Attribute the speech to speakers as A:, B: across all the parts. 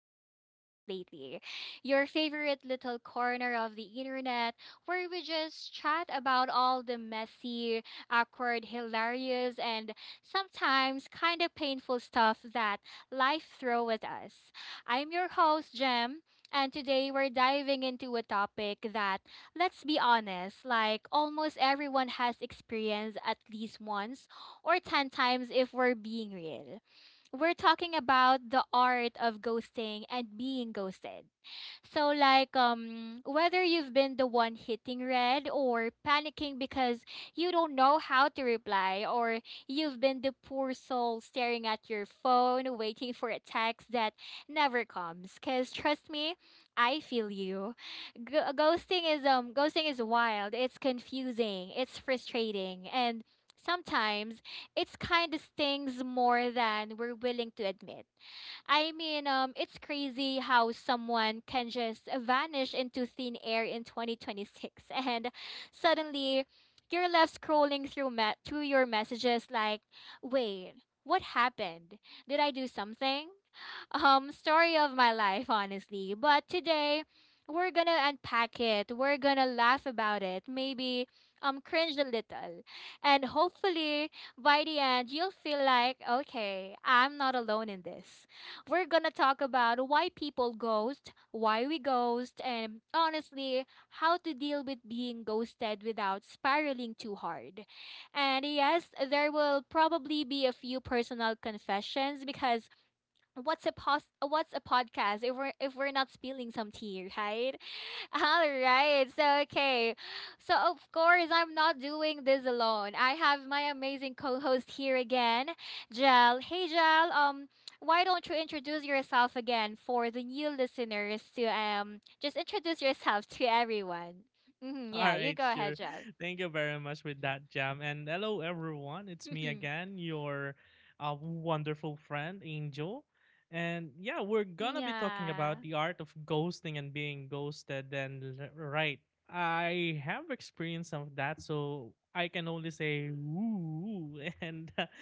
A: to Jam Talks Lately, your favorite little corner of the internet where we just chat about all the messy, awkward, hilarious, and sometimes kind of painful stuff that life throws at us. I'm your host, Jem. And today we're diving into a topic that, let's be honest, like almost everyone has experienced at least once or 10 times if we're being real. We're talking about the art of ghosting and being ghosted. So like, whether you've been the one hitting red or panicking because you don't know how to reply, or you've been the poor soul staring at your phone waiting for a text that never comes, cuz trust me, I feel you. Ghosting is wild. It's confusing, it's frustrating, and sometimes it's kind of stings more than we're willing to admit. I mean, it's crazy how someone can just vanish into thin air in 2026, and suddenly you're left scrolling through through your messages like, wait, what happened? Did I do something? Story of my life, honestly. But today we're gonna unpack it. We're gonna laugh about it. Maybe cringe a little. And hopefully by the end you'll feel like, okay, I'm not alone in this. We're gonna talk about why people ghost, why we ghost, and honestly, how to deal with being ghosted without spiraling too hard. And yes, there will probably be a few personal confessions because what's a podcast if we're not spilling some tea, right? All right, so okay, so of course I'm not doing this alone. I have my amazing co-host here again, Jel. Hey Jel, why don't you introduce yourself again for the new listeners, to just introduce yourself to everyone. Hmm,
B: All
A: yeah, you
B: right,
A: go ahead,
B: sure.
A: Jel.
B: Thank you very much with that, Jam. And hello, everyone. It's me again, your wonderful friend, Angel. And yeah, we're gonna be talking
A: Yeah,
B: about the art of ghosting and being ghosted. Right, I have experience of that, so I can only say ooh. And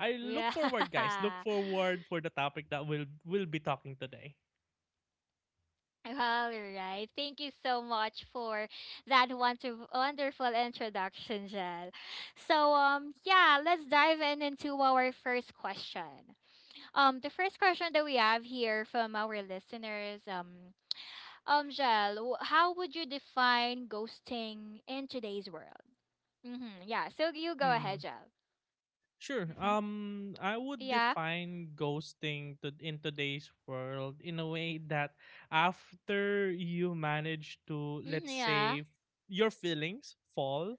B: I look
A: yeah
B: forward, guys. Look forward for the topic that we'll be talking today.
A: all right. Thank you so much for that wonderful, wonderful introduction, Jel. So, yeah, let's dive in into our first question. The first question that we have here from our listeners, Jel, how would you define ghosting in today's world? Mm-hmm, yeah. So you go ahead,
B: Hmm.
A: Jel.
B: Sure.
A: Mm-hmm.
B: I would
A: Yeah.
B: define ghosting in today's world in a way that after you manage to,
A: Mm-hmm,
B: let's
A: yeah.
B: say, your feelings fall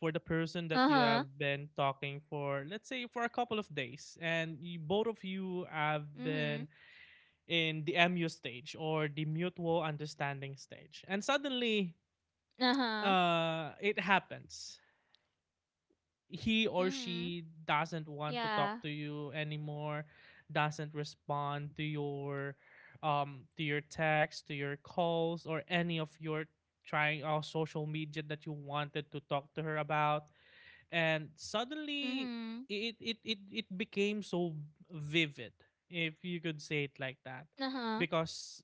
B: for the person that you
A: Uh-huh.
B: have been talking for, let's say, for a couple of days, and both of you have
A: Mm-hmm.
B: been in the MU stage or the mutual understanding stage, and suddenly,
A: Uh-huh.
B: it happens he or
A: Mm-hmm.
B: she doesn't want to
A: Yeah.
B: talk to you anymore, doesn't respond to your to your texts, to your calls, or any of your trying social media that you wanted to talk to her about. And suddenly
A: Mm-hmm.
B: it became so vivid, if you could say it like that,
A: Uh-huh.
B: because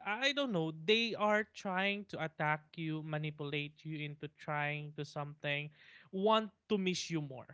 B: I don't know. They are trying to attack you, manipulate you into trying to something, want to miss you more,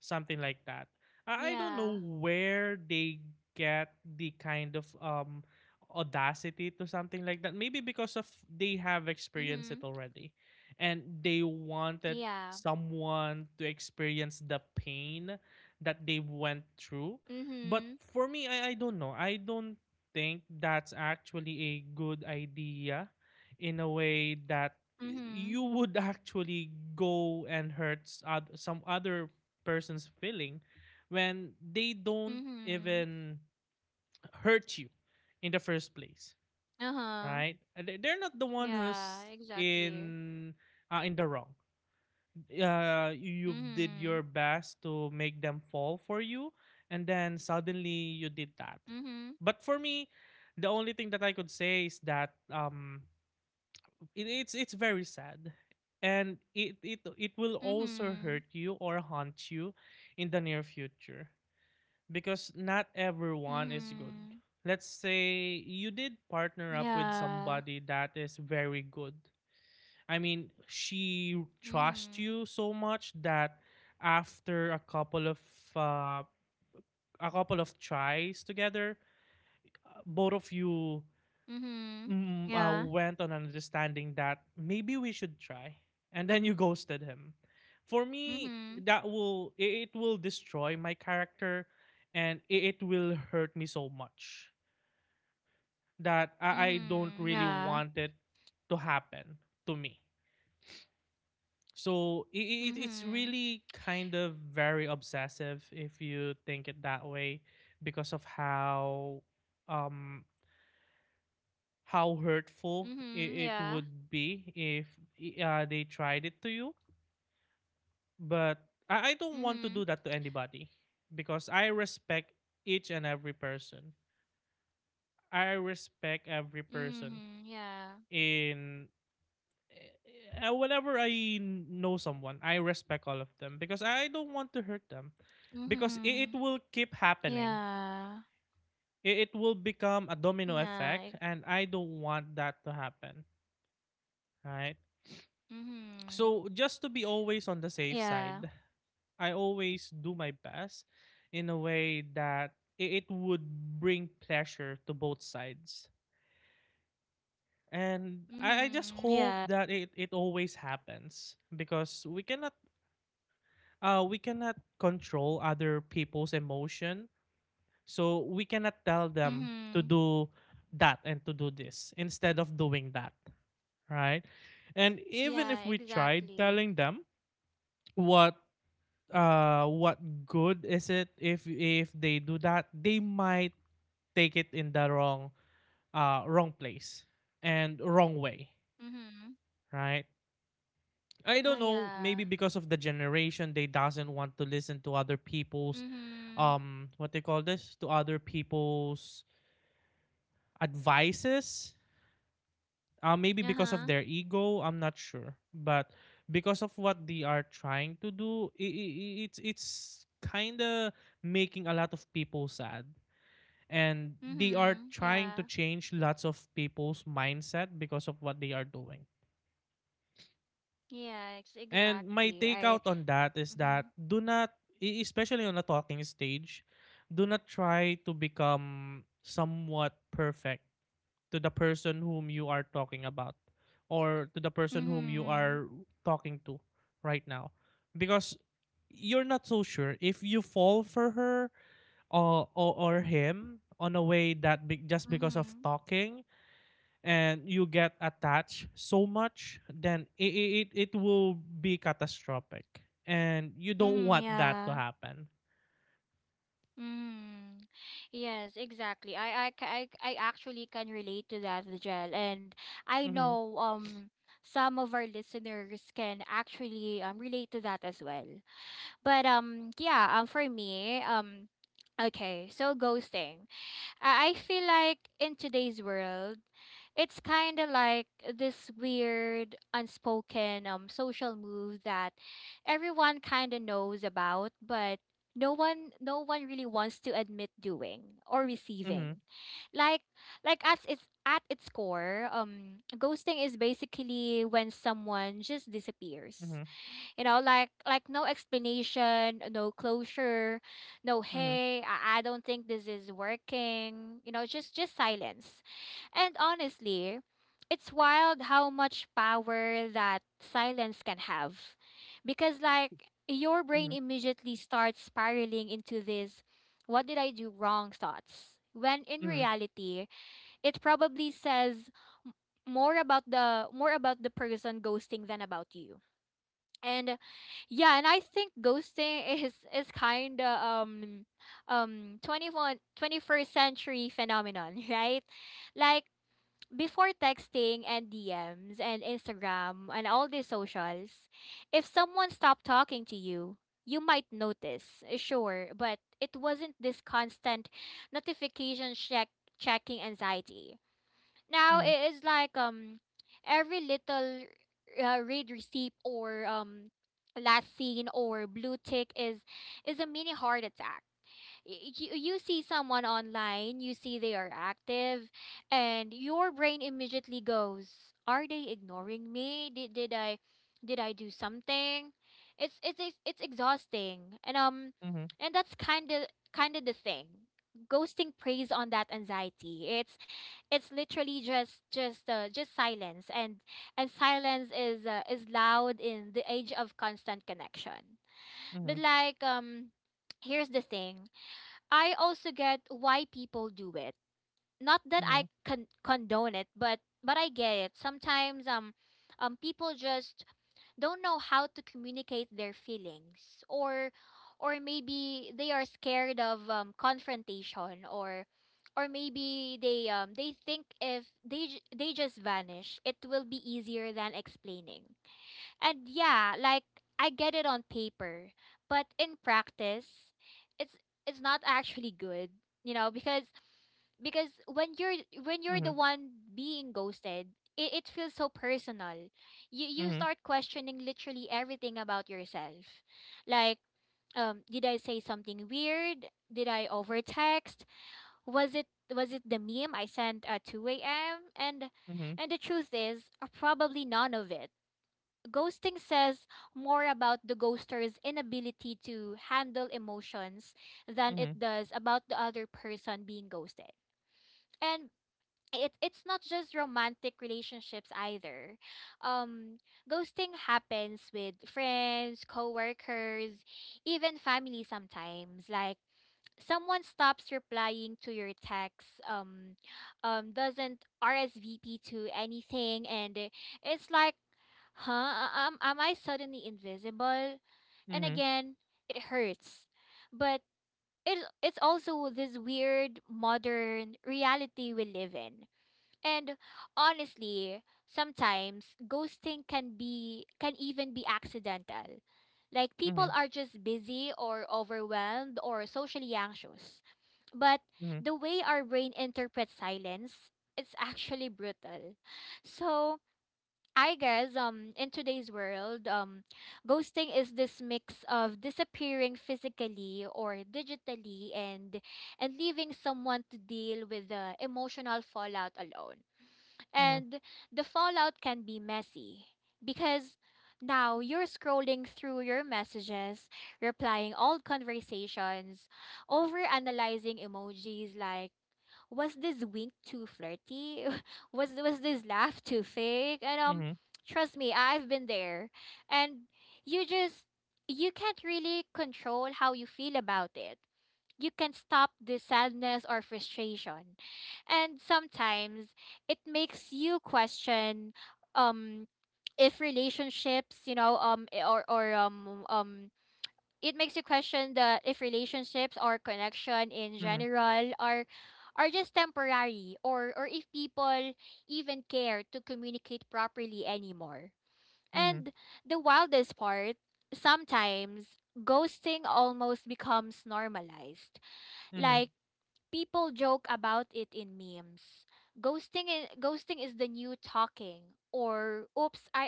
B: something like that. I don't know
A: Yeah.
B: where they get the kind of audacity to something like that. Maybe because of they have experienced it
A: Mhm.
B: already, and they wanted
A: Yeah.
B: someone to experience the pain that they went through. But
A: Mhm.
B: for me, I don't know. I don't think that's actually a good idea, in a way that
A: Mhm.
B: you would actually go and hurt some other person's feeling when they don't
A: Mhm.
B: even hurt you in the first place,
A: Uh-huh.
B: right? They're not the one
A: Yeah,
B: who's
A: exactly.
B: in in the wrong. You did
A: Mhm.
B: your best to make them fall for you, and then suddenly you did that.
A: Mhm.
B: But for me, the only thing that I could say is that it, it's very sad, and it will also
A: Mhm.
B: hurt you or haunt you in the near future, because not everyone is good.
A: Mhm.
B: Let's say you did partner up with
A: Yeah.
B: somebody that is very good. I mean, she trusts
A: Mhm.
B: you so much that after uh, a couple of tries together, both of you
A: Mhm. Yeah.
B: went on an understanding that maybe we should try, and then you ghosted him. For me,
A: Mhm.
B: that will it will destroy my character, and it will hurt me so much that I don't
A: Mhm.
B: really
A: Yeah.
B: want it to happen to me. So it's
A: Mhm.
B: really kind of very obsessive if you think it that way, because of um how hurtful
A: Mhm.
B: it
A: Yeah.
B: would be if they tried it to you. But I don't want to
A: Mhm.
B: do that to anybody because I respect each and every person. I respect every person
A: Mhm. Yeah.
B: in whenever I know someone, I respect all of them because I don't want to hurt them, because it
A: Mhm.
B: will keep happening.
A: Yeah.
B: It will become a domino
A: Yeah.
B: effect, and I don't want that to happen. Right.
A: Mhm.
B: So just to be always on the safe
A: Yeah.
B: side, I always do my best in a way that it would bring pleasure to both sides. And I just
A: Mhm.
B: hope
A: Yeah.
B: that it always happens, because we cannot control other people's emotion. So we cannot tell them to
A: Mhm.
B: do that and to do this instead of doing that, right? And even
A: Yeah,
B: if we tried
A: exactly.
B: telling them what what good is it if they do that, they might take it in the wrong wrong place and wrong way,
A: Mm-hmm.
B: right? I
A: Oh,
B: don't know, maybe
A: yeah.
B: because of the generation, they doesn't want to listen to other people's,
A: Mm-hmm.
B: what they call this, to other people's advices. Maybe because of
A: Uh-huh.
B: their ego, I'm not sure, but because of what they are trying to do, it's kind of making a lot of people sad, and they are
A: Mm-hmm.
B: trying to
A: Yeah.
B: change lots of people's mindset because of what they are doing.
A: Yeah, ex
B: And my
A: exactly. I
B: takeout on that is
A: mm-hmm.
B: that do not, especially on a talking stage, do not try to become somewhat perfect to the person whom you are talking about, or to the person whom you
A: Mm-hmm.
B: are talking to right now. Because you're not so sure if you fall for her or him on a way that just because of
A: Mm-hmm.
B: talking, and you get attached so much, then it will be catastrophic. And you don't
A: Mm-hmm.
B: want that to
A: Yeah.
B: happen.
A: Mm-hmm. Yes, exactly. I actually can relate to that, Jel. And I
B: Mm-hmm,
A: know some of our listeners can actually relate to that as well. But yeah, for me, okay, so ghosting. I feel like in today's world, it's kind of like this weird unspoken social move that everyone kind of knows about, but no one really wants to admit doing or
B: mm-hmm,
A: receiving. Like like at its core, ghosting is basically when someone just disappears,
B: mm-hmm,
A: you know, like no explanation, no closure, no hey, I don't think this is working. You know, just silence. And honestly, it's wild how much power that silence can have. Because like your brain
B: mm-hmm,
A: immediately starts spiraling into this what did I do wrong thoughts. When in
B: mm-hmm,
A: reality, it probably says m- more about the person ghosting than about you. And yeah, and I think ghosting is kind of twenty one twenty first century phenomenon, right? Like before texting and DMs and Instagram and all these socials, if someone stopped talking to you, you might notice, sure, but it wasn't this constant notification check checking anxiety. Now
B: mm-hmm,
A: it is like, every little read receipt or last seen or blue tick is a mini heart attack. You, you see someone online, you see they are active, and your brain immediately goes, "Are they ignoring me? Did I do something?" It's exhausting, and,
B: mm-hmm, mm-hmm,
A: and that's kind of the thing. Ghosting preys on that anxiety. It's literally just silence, and silence is loud in the age of constant connection. But like, here's the thing. I also get why people do it. Not that
B: mm-hmm,
A: I condone it, but I get it. Sometimes people just don't know how to communicate their feelings, or maybe they are scared of confrontation, or maybe they think if they just vanish, it will be easier than explaining. And yeah, like I get it on paper, but in practice, it's it's not actually good, you know, because when
B: mm-hmm,
A: you're
B: mm-hmm,
A: the one being ghosted, it feels so personal. You start questioning literally everything about yourself. Like, did I say something weird? Did I overtext? Was it was it the meme I sent at 2 a.m.? And the truth is, probably none of it. Ghosting says more about the ghoster's inability to handle emotions than
B: mm-hmm,
A: it
B: mm-hmm,
A: does about the other person being ghosted. And it, it's not just romantic relationships either. Um, ghosting happens with friends, coworkers, even family sometimes. Like someone stops replying to your texts, doesn't RSVP to anything, and it's like, huh, am I suddenly invisible? And
B: mm-hmm,
A: again it hurts, but it, it's also this weird modern reality we live in. And honestly, sometimes ghosting can be can even be accidental. Like people are just busy or overwhelmed or socially anxious. But
B: mm-hmm, mm-hmm,
A: the way our brain interprets silence, it's actually brutal. So I guess, in today's world, ghosting is this mix of disappearing physically or digitally, and leaving someone to deal with the emotional fallout alone. And the fallout can be messy because now you're scrolling through your messages, replying old conversations, over analyzing emojis like, was this wink too flirty? Was this laugh too fake? And
B: mm-hmm, mm-hmm,
A: trust me, I've been there. And you just you can't really control how you feel about it. You can stop the sadness or frustration. And sometimes it makes you question um if relationships, you know, I- or it makes you question the if relationships or connection in
B: mm-hmm,
A: general are just temporary, or if people even care to communicate properly anymore. And the wildest part, sometimes ghosting almost becomes normalized.
B: mm-hmm, mm-hmm, mm-hmm,
A: Like people joke about it in memes. Ghosting ghosting is the new talking, or oops, I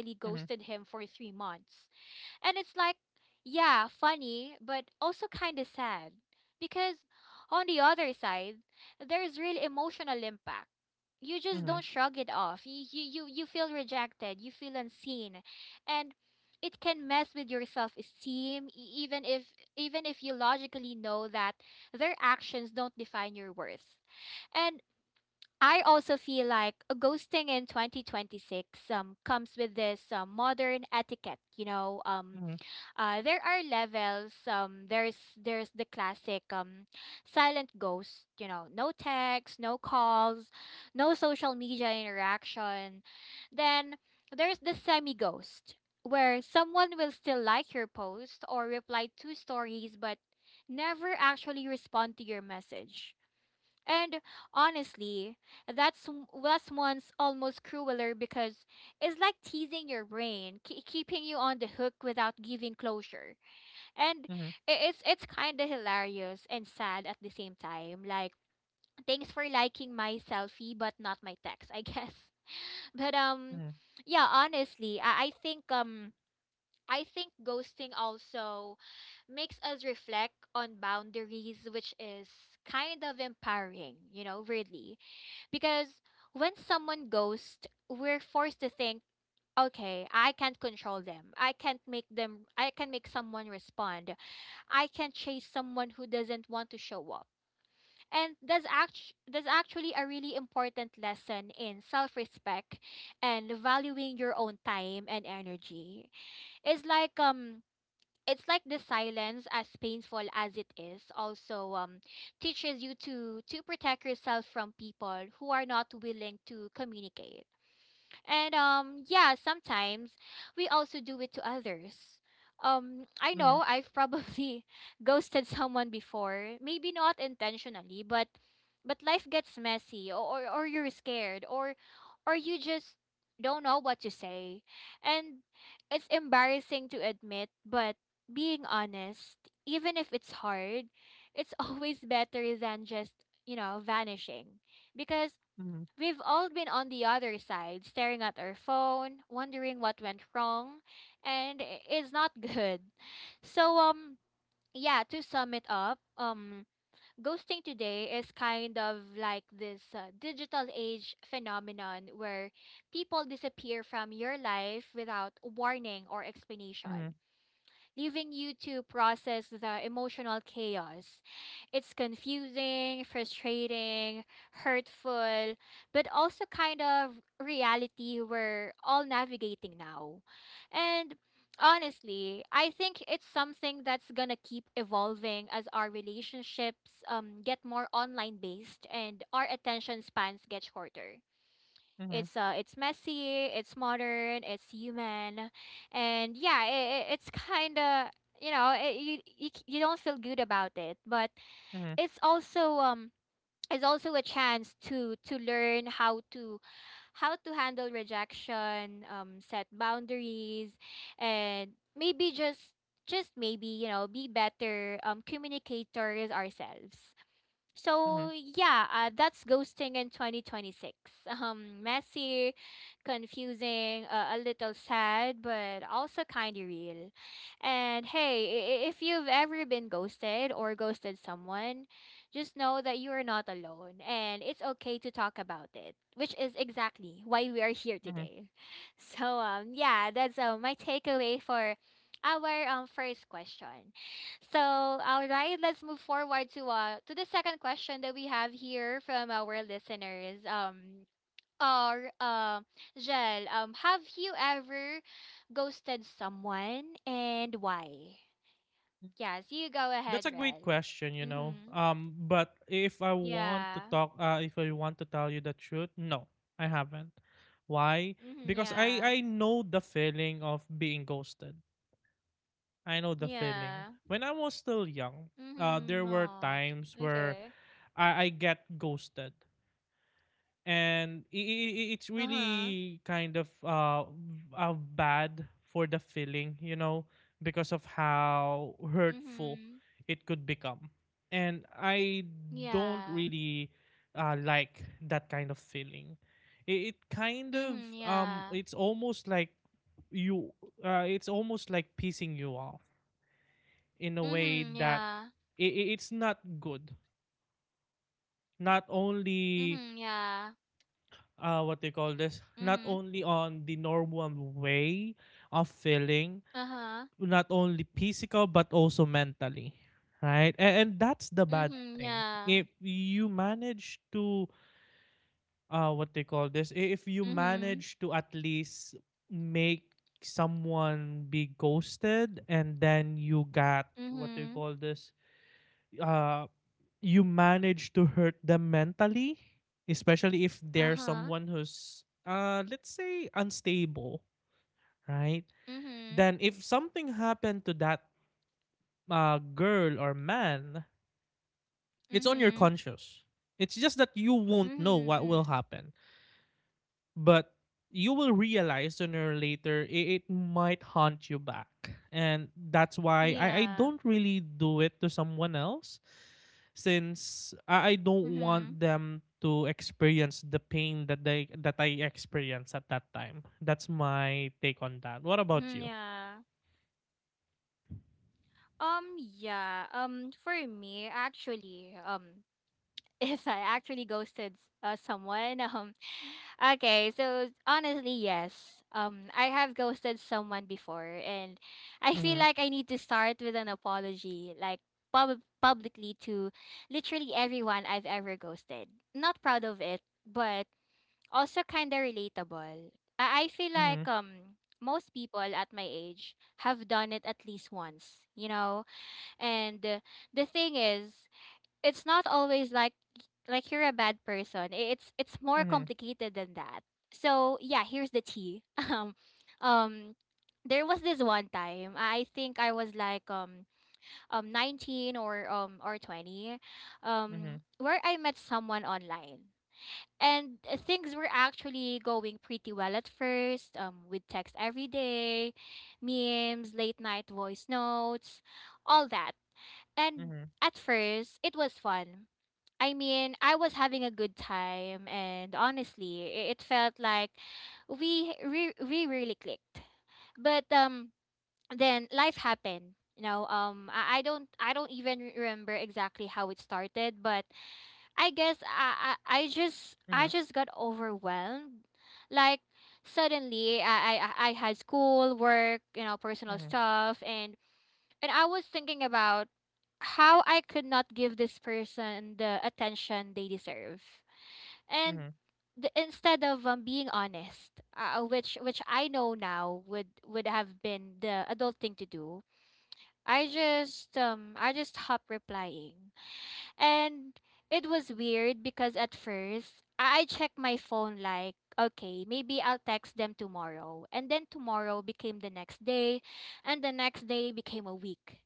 B: mm-hmm, mm-hmm, mm-hmm, mm-hmm, mm-hmm, mm-hmm, mm-hmm, mm-hmm, mm-hmm,
A: ghosted him for 3 months. And it's like, yeah, funny, but also kind of sad. Because on the other side, there's real emotional impact. You just don't shrug it off. You feel rejected, you feel unseen. And it can mess with your self-esteem, even if you logically know that their actions don't define your worth. And I also feel like a ghosting in 2026 comes with this modern etiquette, you know, there are levels. There's the classic, silent ghost. You know, no text, no calls, no social media interaction. Then there's the semi ghost, where someone will still like your post or reply to stories, but never actually respond to your message. And honestly, that's m- that's one's almost crueler because it's like teasing your brain, keeping you on the hook without giving closure. And it's kind of hilarious and sad at the same time. Like thanks for liking my selfie, but not my text, I guess. But yeah, honestly, I think ghosting also makes us reflect on boundaries, which is kind of empowering, you know, weirdly, because when someone ghosts, we're forced to think, okay, I can't control them. I can't make them I can make someone respond. I can chase someone who doesn't want to show up. And that's act that's actually a really important lesson in self-respect and valuing your own time and energy. It's like, it's like the silence, as painful as it is, also teaches you to protect yourself from people who are not willing to communicate. And yeah, sometimes we also do it to others. I know I've probably ghosted someone before, maybe not intentionally, but life gets messy, or you're scared, or you just don't know what to say. And it's embarrassing to admit, but being honest, even if it's hard, it's always better than just, you know, vanishing, because we've all been on the other side, staring at our phone, wondering what went wrong, and it's not good. So yeah, to sum it up, ghosting today is kind of like this digital age phenomenon where people disappear from your life without warning or explanation, leaving you to process the emotional chaos. It's confusing, frustrating, hurtful, but also kind of reality we're all navigating now. And honestly, I think it's something that's gonna keep evolving as our relationships get more online based and our attention spans get shorter. It's messy, it's modern, it's human, and yeah, it's kind of you know it, you c- you don't feel good about it, but
B: mm-hmm,
A: it's also it's also a chance to learn how to handle rejection, set boundaries, and maybe just maybe you know be better communicators ourselves.
B: mm-hmm,
A: So yeah, that's ghosting in 2026. Messy, confusing, a little sad, but also kind of real. And hey, if you've ever been ghosted or ghosted someone, just know that you are not alone, and it's okay to talk about it, which is exactly why we are here
B: mm-hmm,
A: today. So, that's my takeaway for our first question. So, all right, let's move forward to to the second question that we have here from our listeners. Or Jel, have you ever ghosted someone and why? Yes, you go ahead,
B: That's a great
A: Rel.
B: question, you know.
A: Mhm.
B: But if I want to
A: Yeah.
B: talk, if I want to tell you the truth, no, I haven't. Why?
A: Mhm.
B: Because I
A: Yeah.
B: I know the feeling of being ghosted. I know the feeling.
A: Yeah.
B: When I was still young,
A: Mhm.
B: there were
A: Oh,
B: times
A: okay.
B: where
A: Okay.
B: I get ghosted, and it's
A: Uh huh.
B: really kind of bad for the feeling, you know, because of how hurtful
A: Mhm.
B: it could become, and I don't
A: Yeah.
B: really like that kind of feeling. It kind of
A: Mhm. Yeah.
B: it's almost like you it's almost like pissing you off in a way
A: Mhm.
B: that
A: Yeah.
B: it's not good, not only
A: Mhm. Yeah.
B: what they call this, not
A: Mhm.
B: only on the normal way of feeling,
A: Uh-huh.
B: not only physical but also mentally, right? And that's the bad
A: Mhm,
B: thing,
A: yeah.
B: if you manage to what they call this, if you
A: Mhm.
B: manage to at least make someone be ghosted, and then you got what they
A: Mhm.
B: call this, uh you manage to hurt them mentally, especially if they're
A: Uh-huh.
B: someone who's let's say unstable, right?
A: Mhm.
B: Then if something happened to that girl or man, it's on your
A: Mhm.
B: conscious. It's just that you won't know
A: Mhm.
B: what will
A: Mhm.
B: happen. But you will realize sooner or later it might haunt you back, and that's why I
A: Yeah.
B: don't really do it to someone else, since I don't
A: Mhm.
B: want them to experience the pain that they that I experienced at that time. That's my take on that. What about
A: Mhm,
B: you?
A: yeah. Yeah. Um, for me actually, if I actually ghosted someone. Okay, so honestly, yes. I have ghosted someone before, and I feel
B: Mhm,
A: like I need to start with an apology, like publicly to literally everyone I've ever ghosted. Not proud of it, but also kind of relatable. I feel
B: mhm,
A: like most people at my age have done it at least once, you know, and. The thing is it's not always like you're a bad person. It's more
B: mhm,
A: complicated than that. So yeah, here's the tea. Um, um, there was this one time I think I was like 19 or 20,
B: mhm,
A: where I met someone online. And things were actually going pretty well at first, with text every day, memes, late night voice notes, all that. And
B: mhm,
A: at first, it was fun. I mean, I was having a good time, and honestly, it felt like we really clicked. But then life happened. You know, I don't even remember exactly how it started, but I guess I just
B: mhm,
A: got overwhelmed. Like suddenly, I had school, work, you know, personal
B: mhm,
A: stuff, and I was thinking about how I could not give this person the attention they deserve. And
B: mhm,
A: instead of being honest, which I know now would have been the adult thing to do, I just hop replying. And it was weird because at first, I checked my phone like, okay, maybe I'll text them tomorrow. And then tomorrow became the next day, and the next day became a week.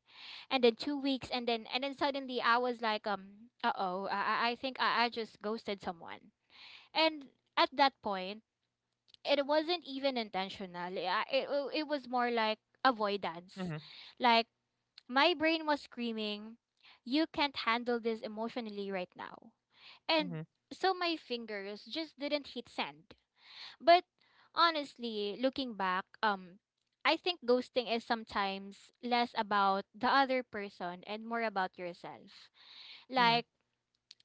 A: And then 2 weeks, and then suddenly I was like, uh-oh, I think I just ghosted someone. And at that point, it wasn't even intentional. It was more like avoidance.
B: mhm,
A: Like my brain was screaming, you can't handle this emotionally right now.
B: mhm,
A: And so my fingers just didn't hit send. But honestly, looking back, I think ghosting is sometimes less about the other person and more about yourself.
B: mhm,
A: Like,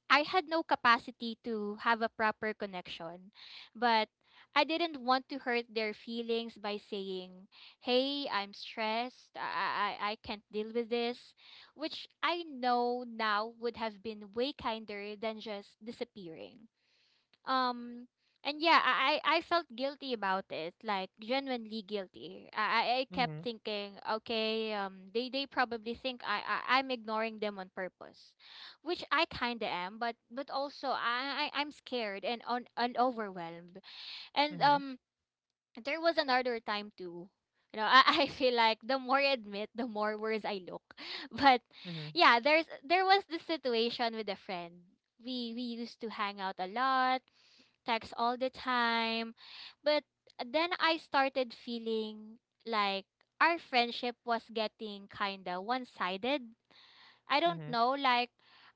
A: I had no capacity to have a proper connection, but I didn't want to hurt their feelings by saying, "Hey, I'm stressed. I can't deal with this," which I know now would have been way kinder than just disappearing. Um and yeah, I felt guilty about it, like genuinely guilty. I
B: mhm,
A: kept
B: mhm,
A: thinking, okay, they probably think I'm ignoring them on purpose, which I kind of am, but also I'm scared and overwhelmed. And
B: mhm,
A: there was another time too. You know, I, I feel like the more I admit, the more worse I look. But
B: mhm,
A: yeah, there was this situation with a friend. We used to hang out a lot, text all the time. But then I started feeling like our friendship was getting kinda one sided. I
B: mhm,
A: don't
B: mhm, mhm,
A: know, like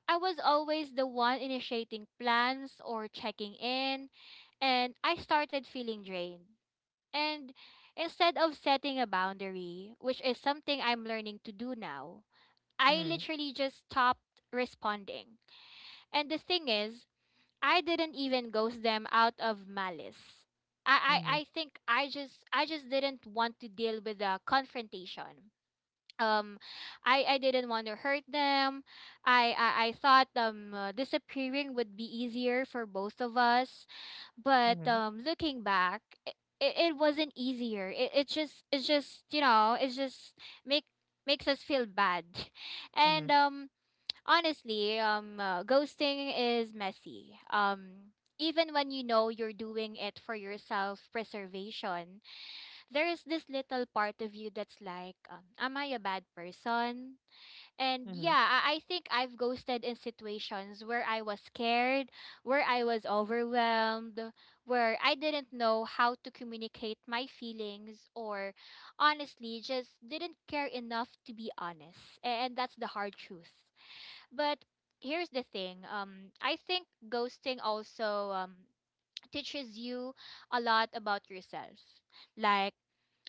A: I was always the one initiating plans or checking in, and I started feeling drained. And instead of setting a boundary, which is something I'm learning to do now, I literally just stopped responding. And the thing is, I didn't even ghost them out of malice. I,
B: mhm,
A: I,
B: mhm,
A: I think I just didn't want to deal with the confrontation. Um i i didn't want to hurt them. I thought disappearing would be easier for both of us,
B: mhm,
A: but
B: mhm,
A: looking back, it wasn't easier, it just you know it just make makes us feel bad.
B: mhm,
A: and
B: mhm,
A: um honestly, ghosting is messy, even when you know you're doing it for yourself preservation, there is this little part of you that's like, am I a bad person? And
B: mhm,
A: yeah, I think I've ghosted in situations where I was scared, where I was overwhelmed, where I didn't know how to communicate my feelings, or honestly, just didn't care enough to be honest. And that's the hard truth. But here's the thing, I think ghosting also, teaches you a lot about yourself, like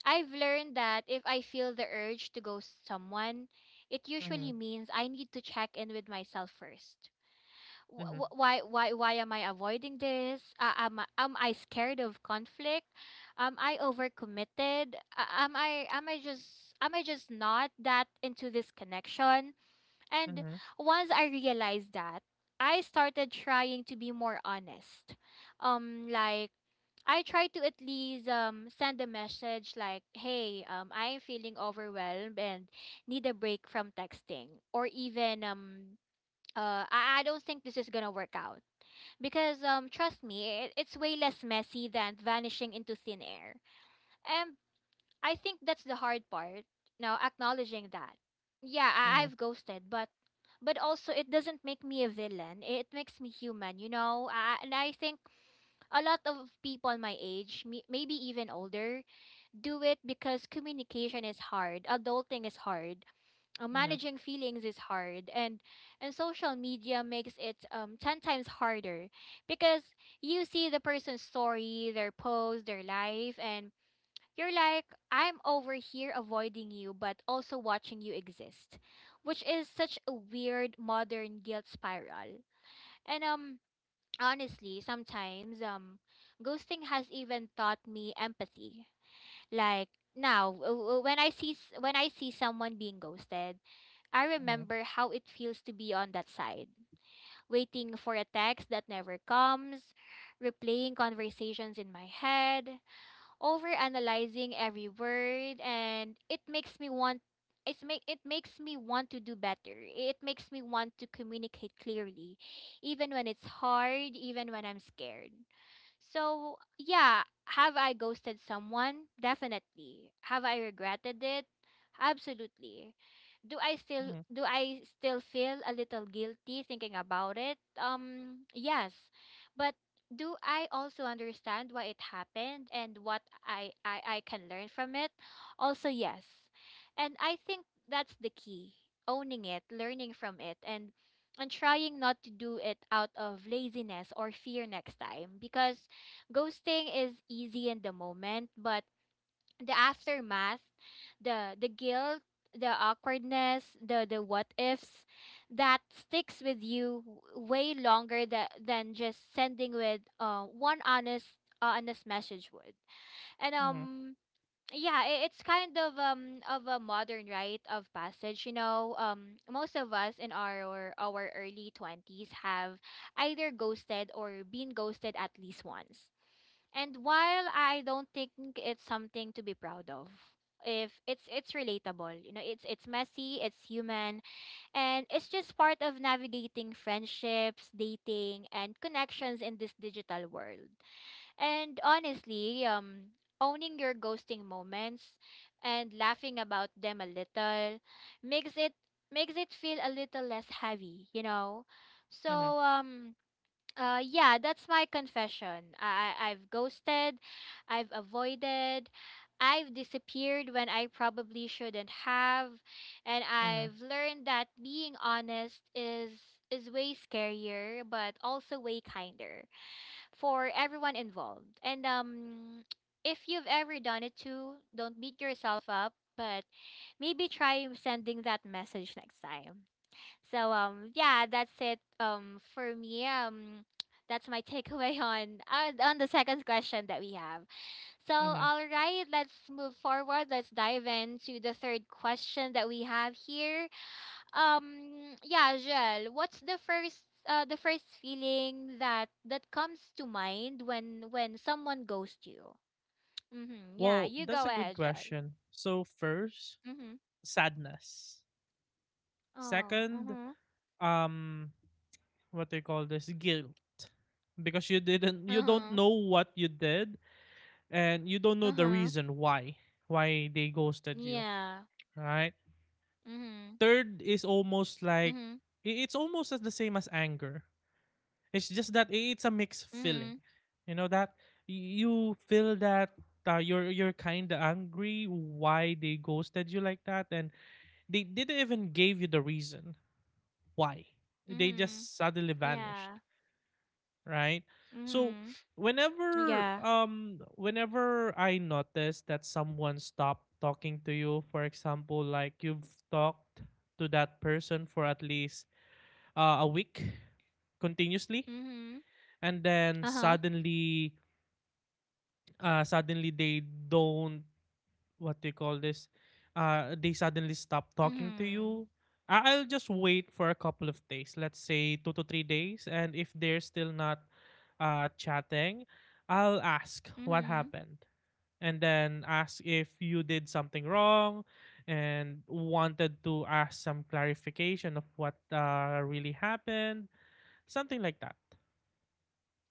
A: I've learned that if I feel the urge to ghost someone, it usually means I need to check in with myself first.
B: mhm,
A: Why am I avoiding this? Am I scared of conflict? Am I overcommitted? Am I just not that into this connection? And
B: mhm,
A: once I realized that, I started trying to be more honest. Like I try to at least send a message like, "Hey, I am feeling overwhelmed and need a break from texting," or even. I don't think this is gonna work out, because trust me, it's way less messy than vanishing into thin air. And I think that's the hard part. Now acknowledging that. Yeah, I've ghosted, but also it doesn't make me a villain. It makes me human, you know? And I think a lot of people my age, maybe even older, do it because communication is hard, adulting is hard,
B: mhm,
A: managing feelings is hard, and social media makes it 10 times harder, because you see the person's story, their post, their life, and you're like, I'm over here avoiding you, but also watching you exist, which is such a weird modern guilt spiral. And honestly, sometimes, ghosting has even taught me empathy. Like now, when I see someone being ghosted, I remember how it feels to be on that side, waiting for a text that never comes, replaying conversations in my head, overanalyzing every word, and it makes me want, it makes me want to do better. It makes me want to communicate clearly, even when it's hard, even when I'm scared. So, yeah, have I ghosted someone? Definitely. Have I regretted it? Absolutely. Do I still feel a little guilty thinking about it? Yes. But do I also understand why it happened and what I can learn from it? Also, yes. And I think that's the key. Owning it, learning from it, and trying not to do it out of laziness or fear next time, because ghosting is easy in the moment, but the aftermath, the guilt, the awkwardness, the what ifs, that sticks with you way longer than just sending with one honest honest message would. And yeah, it's kind of a modern rite of passage, you know. Um, most of us in our early 20s have either ghosted or been ghosted at least once, and while I don't think it's something to be proud of, if it's it's relatable, you know, it's messy, it's human, and it's just part of navigating friendships, dating, and connections in this digital world. And honestly, owning your ghosting moments and laughing about them a little makes it, feel a little less heavy, you know. So yeah, that's my confession. I've ghosted, I've avoided, I've disappeared when I probably shouldn't have, and
B: mhm, mhm.
A: I've learned that being honest is way scarier but also way kinder for everyone involved. And if you've ever done it too, don't beat yourself up, but maybe try sending that message next time. So yeah, that's it for me. That's my takeaway on the second question that we have. So
B: Mhm.
A: all right, let's move forward. Let's dive into the third question that we have here. Yeah, Joel, what's the first feeling that comes to mind when someone ghosts you? Mhm. Yeah,
B: Well,
A: you
B: that's a
A: go
B: good
A: ahead, Joel.
B: question. So first,
A: Mhm.
B: sadness.
A: Oh,
B: Second,
A: mhm.
B: um what do you call this? Guilt. Because you don't
A: Uh-huh.
B: know what you did, and you don't know the
A: Uh-huh.
B: reason why they ghosted you,
A: Yeah.
B: right?
A: Mhm.
B: Third is almost like it's almost as the same as anger. It's just that it's a mixed feeling.
A: Mm-hmm.
B: You know that you feel that you're kind of angry why they ghosted you like that, and they didn't even give you the reason why. They
A: Mm-hmm.
B: just suddenly vanished,
A: Yeah.
B: right? So
A: Mm-hmm. Yeah.
B: whenever I notice that someone stopped talking to you, for example, like you've talked to that person for at least a week continuously,
A: Mm-hmm.
B: and then
A: Uh-huh.
B: suddenly suddenly they don't what do you call this, they suddenly stop talking to
A: Mm-hmm.
B: you. I'll just wait for a couple of days, let's say 2 to 3 days, and if they're still not chatting, I'll ask what
A: Mm-hmm.
B: happened, and then ask if you did something wrong, and wanted to ask some clarification of what really happened, something like that.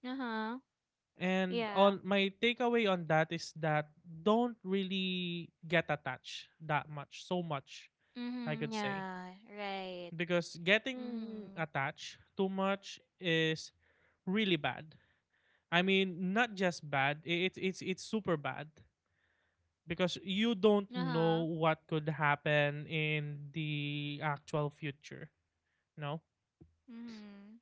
A: Uh-huh.
B: And
A: Yeah.
B: on my takeaway on that is that don't really get attached that much, so much, I
A: Mm-hmm.
B: could say.
A: Yeah. Right.
B: Because getting
A: Mm-hmm.
B: attached too much is really bad. I mean, not just bad, it's it's super bad, because you don't know
A: Uh-huh.
B: what could happen in the actual future, no?
A: Mm-hmm.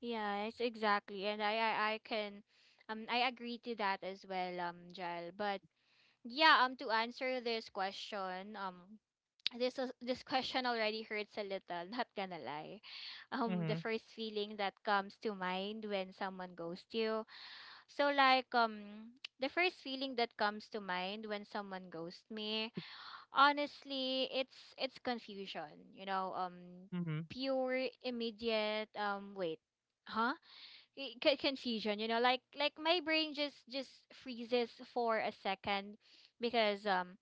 A: Yeah, it's exactly. And I can I agree to that as well, Jal. But yeah, to answer this question, this question already hurts a little, not gonna lie. The
B: Mhm,
A: first feeling that comes to mind when someone ghosts you, so like, the first feeling that comes to mind when someone ghosts me, honestly, it's confusion, you know.
B: mhm,
A: Pure immediate wait, huh, confusion, you know, like my brain just freezes for a second because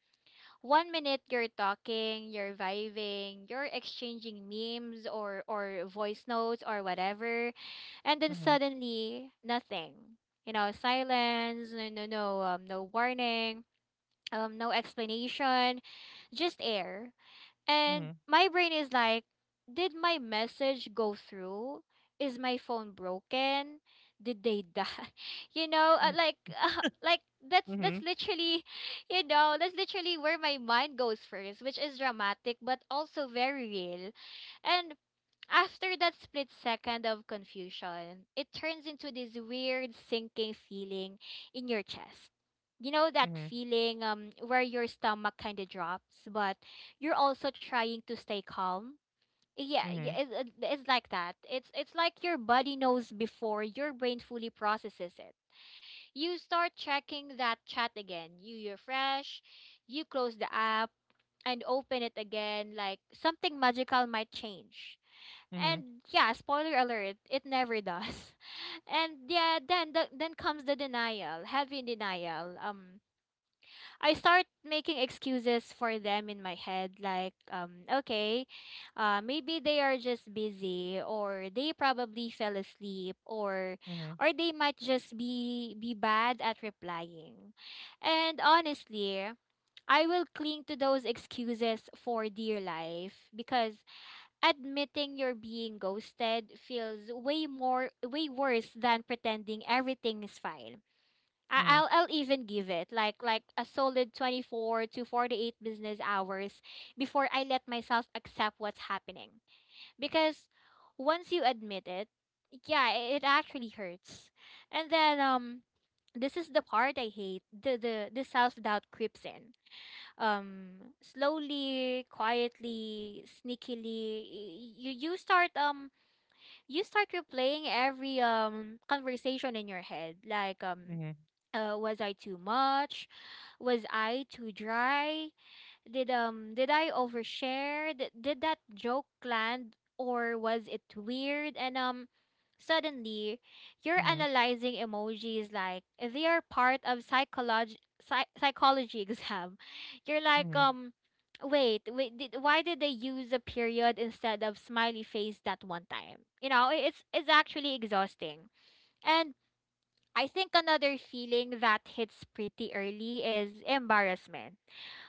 A: 1 minute you're talking, you're vibing, you're exchanging memes or voice notes or whatever, and then
B: mhm,
A: suddenly nothing. You know, silence, no no warning, no explanation, just air. And
B: mhm,
A: my brain is like, did my message go through? Is my phone broken? Did they die? You know,
B: mhm,
A: like, that's
B: mhm,
A: literally, you know, that's literally where my mind goes first, which is dramatic but also very real. And after that split second of confusion, it turns into this weird sinking feeling in your chest. You know that
B: mhm,
A: feeling where your stomach kind of drops, but you're also trying to stay calm. Yeah, yeah,
B: mhm,
A: it's like that. It's like your body knows before your brain fully processes it. You start checking that chat again. You refresh, you close the app, and open it again, like something magical might change.
B: mhm,
A: And yeah, spoiler alert, it never does. And yeah, then comes the denial, heavy denial. I start making excuses for them in my head, like okay, maybe they are just busy, or they probably fell asleep, or
B: mhm,
A: or they might just be bad at replying. And honestly, I will cling to those excuses for dear life because admitting you're being ghosted feels way worse than pretending everything is fine. I-
B: mhm, mhm,
A: I'll I'll even give it like a solid 24 to 48 business hours before I let myself accept what's happening. Because once you admit it, yeah, it actually hurts. And then this is the part I hate. The self-doubt creeps in um slowly, quietly, sneakily. You start replaying every conversation in your head like was I too much, was I too dry, did I overshare? Did that joke land or was it weird? And suddenly you're
B: mhm,
A: analyzing emojis like they are part of psychology exam. You're like
B: mhm,
A: wait, why did they use a period instead of smiley face that one time? You know, it's actually exhausting. And I think another feeling that hits pretty early is embarrassment,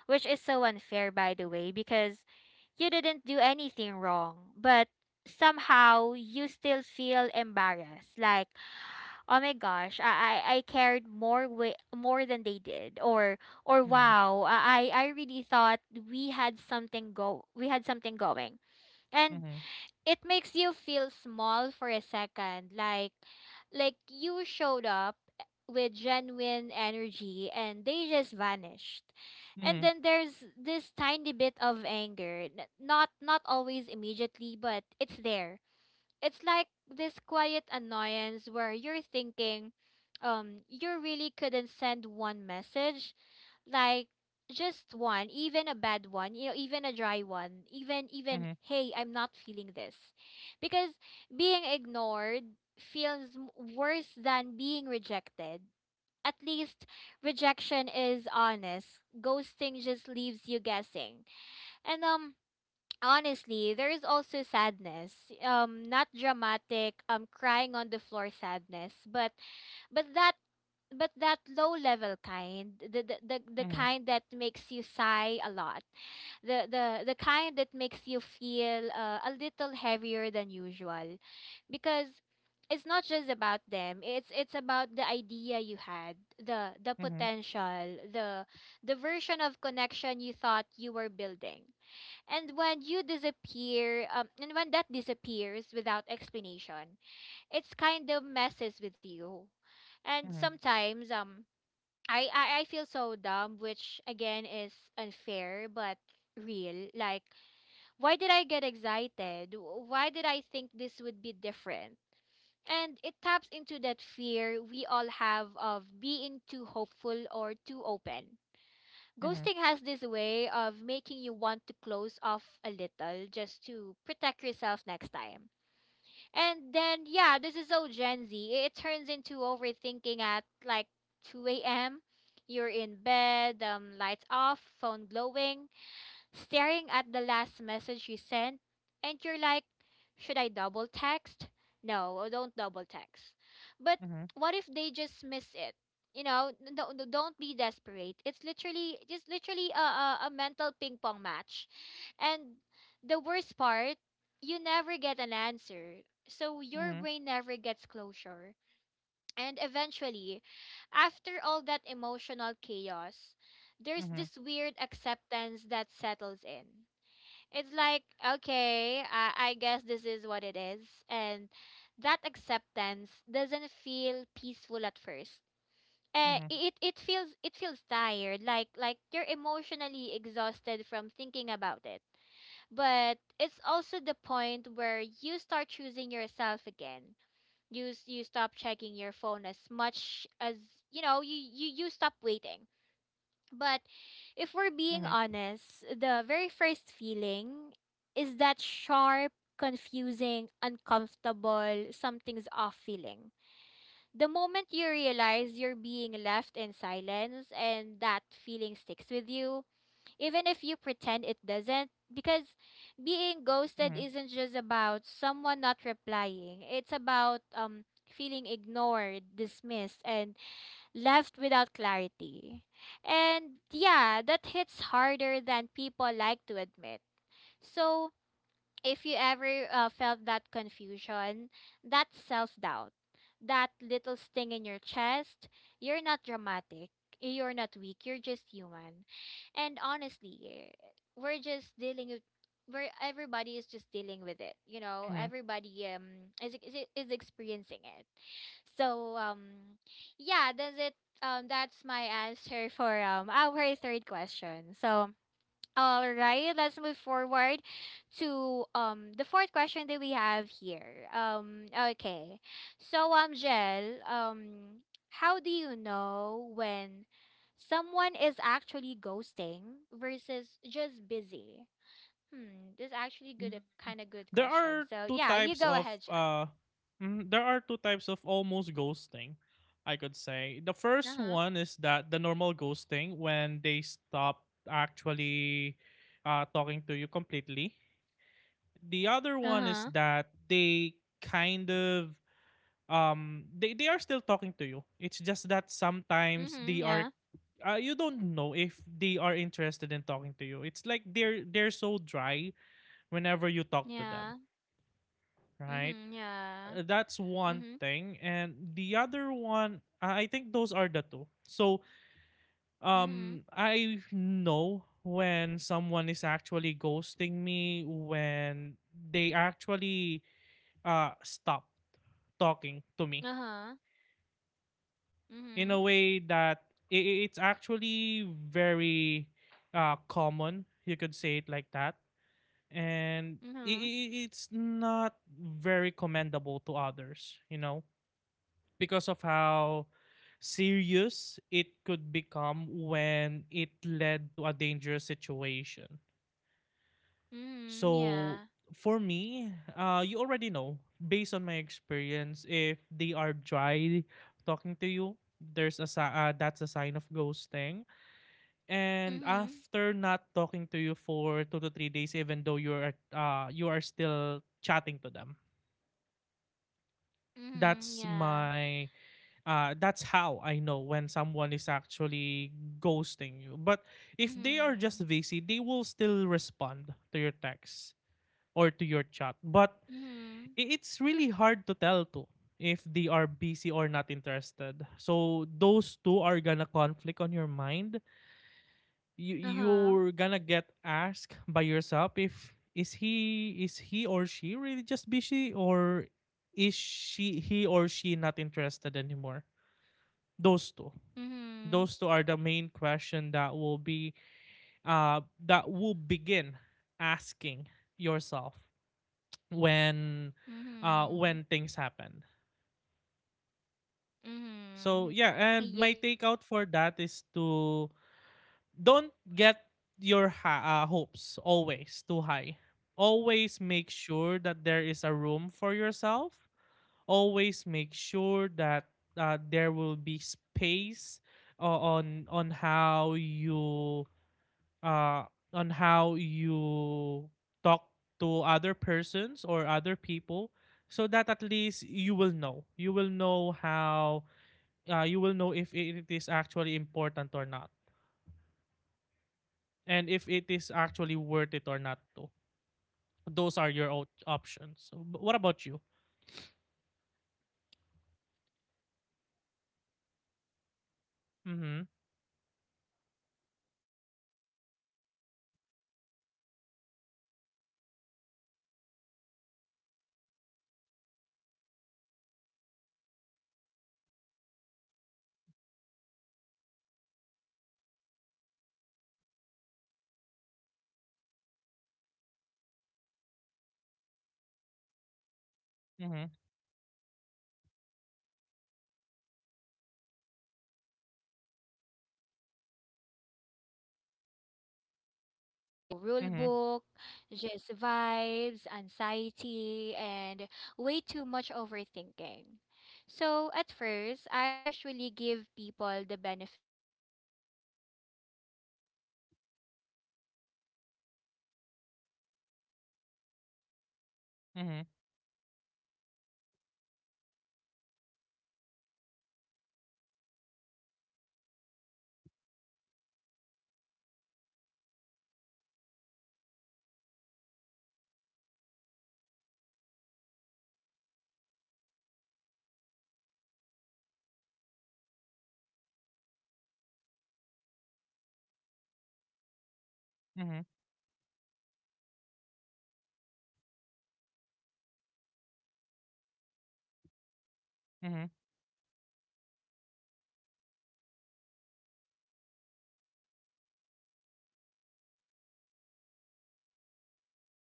A: which is so unfair, by the way, because you didn't do anything wrong, but somehow you still feel embarrassed, like oh my gosh, I cared more, than they did, or or
B: mhm, mhm,
A: wow i i really thought we had something go we had something going, and
B: mhm,
A: it makes you feel small for a second, like you showed up with genuine energy and they just vanished.
B: mhm, mhm,
A: And
B: mhm,
A: then there's this tiny bit of anger, not not always immediately, but it's there. It's like this quiet annoyance where you're thinking, you really couldn't send one message, like just one, even a bad one, you know, even a dry one, even
B: mhm,
A: even
B: mhm,
A: hey, I'm not feeling this, because being ignored feels worse than being rejected. At least rejection is honest. Ghosting just leaves you guessing. And honestly, there is also sadness. Not dramatic, crying on the floor sadness, but but that that low level kind, the kind that makes you sigh a lot, the kind that makes you feel a little heavier than usual, because it's not just about them. It's about the idea you had, the potential, the version of connection you thought you were building. And when that disappears without explanation, it's kind of messes with you. And sometimes, I feel so dumb, which again is unfair, but real. Like, why did I get excited? Why did I think this would be different? And it taps into that fear we all have of being too hopeful or too open. Ghosting has this way of making you want to close off a little just to protect yourself next time. And then, yeah, this is so Gen Z. It turns into overthinking at like 2 a.m. You're in bed, lights off, phone glowing, staring at the last message you sent, and you're like, should I double text? No, don't double text. But
B: mhm,
A: what if they just miss it? You know, no, don't be desperate. It's literally a, a mental ping pong match. And the worst part, you never get an answer. So your
B: mhm,
A: brain never gets closure. And eventually, after all that emotional chaos, there's
B: mhm,
A: this weird acceptance that settles in. It's like, okay, I guess this is what it is. And that acceptance doesn't feel peaceful at first.
B: mhm,
A: It feels tired, like you're emotionally exhausted from thinking about it, but it's also the point where you start choosing yourself again. You stop checking your phone as much. As you know you you, You stop waiting. But if we're being
B: mhm.
A: honest, the very first feeling is that sharp, confusing, uncomfortable, something's off feeling, the moment you realize you're being left in silence. And that feeling sticks with you even if you pretend it doesn't. Because being ghosted
B: Mhm,
A: isn't just about someone not replying, it's about feeling ignored, dismissed, and left without clarity. And yeah, that hits harder than people like to admit. So, if you ever felt that confusion, that self doubt, that little sting in your chest, you're not dramatic. You're not weak. You're just human. And honestly, eh, we're just dealing with where everybody is just dealing with it. You know,
B: mhm.
A: everybody is experiencing it. So yeah, does it that's my answer for our third question. So all right, let's move forward to the fourth question that we have here. Okay. So Jel, how do you know when someone is actually ghosting versus just busy? Hmm, this is actually good a
B: Mm,
A: kind of good
B: There
A: question.
B: are
A: So
B: two
A: yeah, you
B: types
A: go
B: of
A: ahead, Jel.
B: mhm, there are two types of almost ghosting, I could say. The first
A: Uh-huh.
B: one is that the normal ghosting, when they stop actually talking to you completely. The other one is
A: Uh-huh.
B: that they kind of they are still talking to you. It's just that sometimes
A: Mhm,
B: they are
A: yeah.
B: you don't know if they are interested in talking to you. It's like they're so dry whenever you talk to them,
A: Yeah.
B: right?
A: Mhm, yeah.
B: That's one
A: Mhm.
B: thing. And the other one, I think those are the two. So,
A: Mhm.
B: I know when someone is actually ghosting me, when they actually stop talking to me
A: Uh-huh.
B: in
A: Mhm.
B: a way that it's actually very common. You could say it like that. And
A: Mhm.
B: it's not very commendable to others, you know? Because of how serious it could become when it led to a dangerous situation.
A: Mhm.
B: So
A: Yeah.
B: for me, you already know based on my experience if they are dry talking to you, that's a sign of ghosting. And
A: Mhm.
B: after not talking to you for 2 to 3 days, even though you are you are still chatting to them,
A: Mhm.
B: that's
A: Yeah.
B: my that's how I know when someone is actually ghosting you. But if they are just
A: Mhm.
B: busy, they will still respond to your text or to your chat. But
A: Mhm.
B: it's really hard to tell too if they are busy or not interested. So those two are gonna conflict on your mind. You
A: Uh-huh.
B: you're gonna get asked by yourself if is he or she really just busy or is she he or she not interested anymore, those two
A: Mhm.
B: those two are the main question that will be that will begin asking yourself when
A: Mhm.
B: when things happen. So
A: Mhm.
B: yeah, and my
A: Yeah.
B: takeout for that is to don't get your hopes always too high.
A: Mhm.
B: Always
A: Yeah.
B: make sure that there is
A: Mhm.
B: a room for yourself. Always make sure that there will be space, o- on on how you uh, on how you talk to other persons or other people, so that at least you will know how, you will know if it is actually important or not, and if
A: All
B: it is
A: right.
B: actually
A: Thank you
B: worth it or
A: so.
B: not too.
A: Mhm.
B: Those are your
A: Right.
B: options. So but what about you?
A: Ex- exactly. Thank you. Thank you for answering that, Jill. That's a great
B: Mhm.
A: point. Thanks for breaking it down. But yeah, for me, um, um, how do I know when someone is actually ghosting versus just busy? This question lives rent free in my brain actually because honestly, figuring out whether someone is actually ghosting you or just
B: Mhm.
A: genuinely busy is one of the most confusing emotional puzzles of our generation. Like, there is no manual, no rule
B: Mhm.
A: book, just vibes, anxiety, and way too much overthinking. So, at first, I usually give people the benefit of the doubt. Like, I'll tell myself, okay, everyone gets busy, life happens. People
B: Mhm.
A: have work, school, family stuff, mental health days, all of that. And I really do believe that not replying for a few hours or even a day doesn't automatically mean ghosting. I try to be reasonable. I try to be chill. I try to be I try to be that girl who's like, it's fine, I'm not pressed, even if internally
B: Mhm.
A: I kinda am. But yeah, but then there's this point where it stops feeling like
B: Mhm.
A: busy and starts feeling like avoidant, and you can usually feel it before you can explain it. The energy shifts,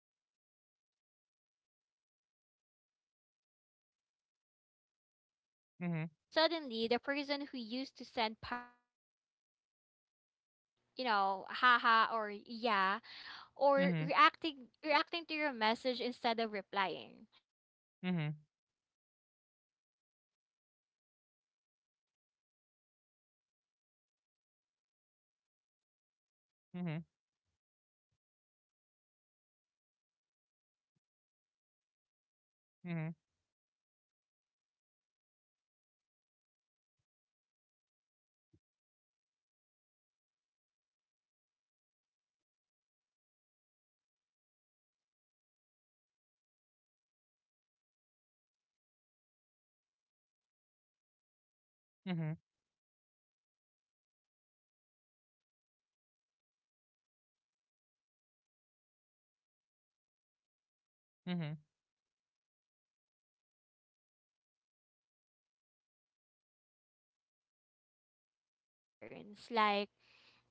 A: the replies get slower, shorter, less engaged. Like
B: Mhm.
A: suddenly, the person who used to send paragraphs is now sending, haha or yeah, or
B: Mhm.
A: reacting to your message instead of replying. And
B: Mhm,
A: I hate to say it, but energy doesn't lie. People make time for what they care about, even
B: mhm,
A: in small ways. And another big sign for me is consistency.
B: mhm,
A: If someone has been consistent before, texting you daily, checking in, replying within a reasonable time, and then suddenly that completely changes with no explanation. Yeah, that's usually not just busy, because
B: mhm,
A: busy still communicates. Busy says, "Hey, I'm swamped today. I'll reply later." Ghosting says nothing. And
B: mhm,
A: silence, especially when it's new and unexplained, is loud. And yeah, I also look at patterns, like,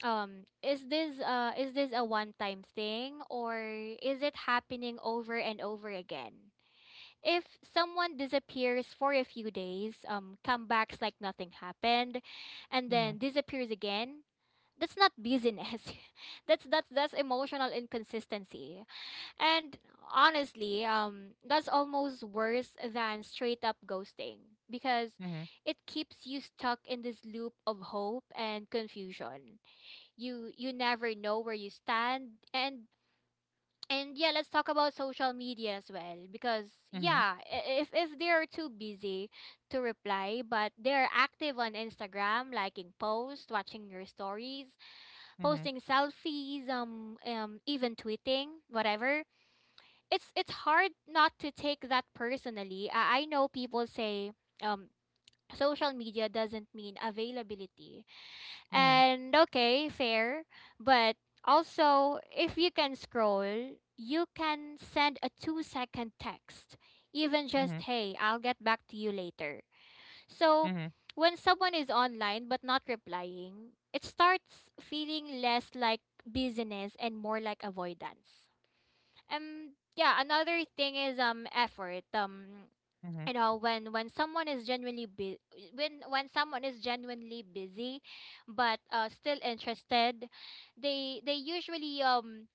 A: is this a one-time thing, or is it happening over and over again? If someone disappears for a few days, comebacks like nothing happened, and
B: mhm,
A: then disappears again, that's not busyness that's emotional inconsistency, and honestly, that's almost worse than straight up ghosting, because
B: mhm,
A: it keeps you stuck in this loop of hope and confusion. You never know where you stand. And yeah, let's talk about social media as well, because,
B: mhm,
A: yeah, if they are too busy to reply but they're active on Instagram, liking posts, watching your stories,
B: mhm,
A: posting selfies, even tweeting, whatever. It's hard not to take that personally. I know people say um social media doesn't mean availability.
B: mhm,
A: And okay, fair, but also, if you can scroll, you can send a 2-second text. Even
B: mhm,
A: just, "Hey, I'll get back to you later." So,
B: mhm, mhm,
A: when someone is online but not replying, it starts feeling less like busyness and more like avoidance. Yeah, another thing is effort.
B: mhm,
A: When someone is genuinely bu- when someone is genuinely busy but still interested, they they usually um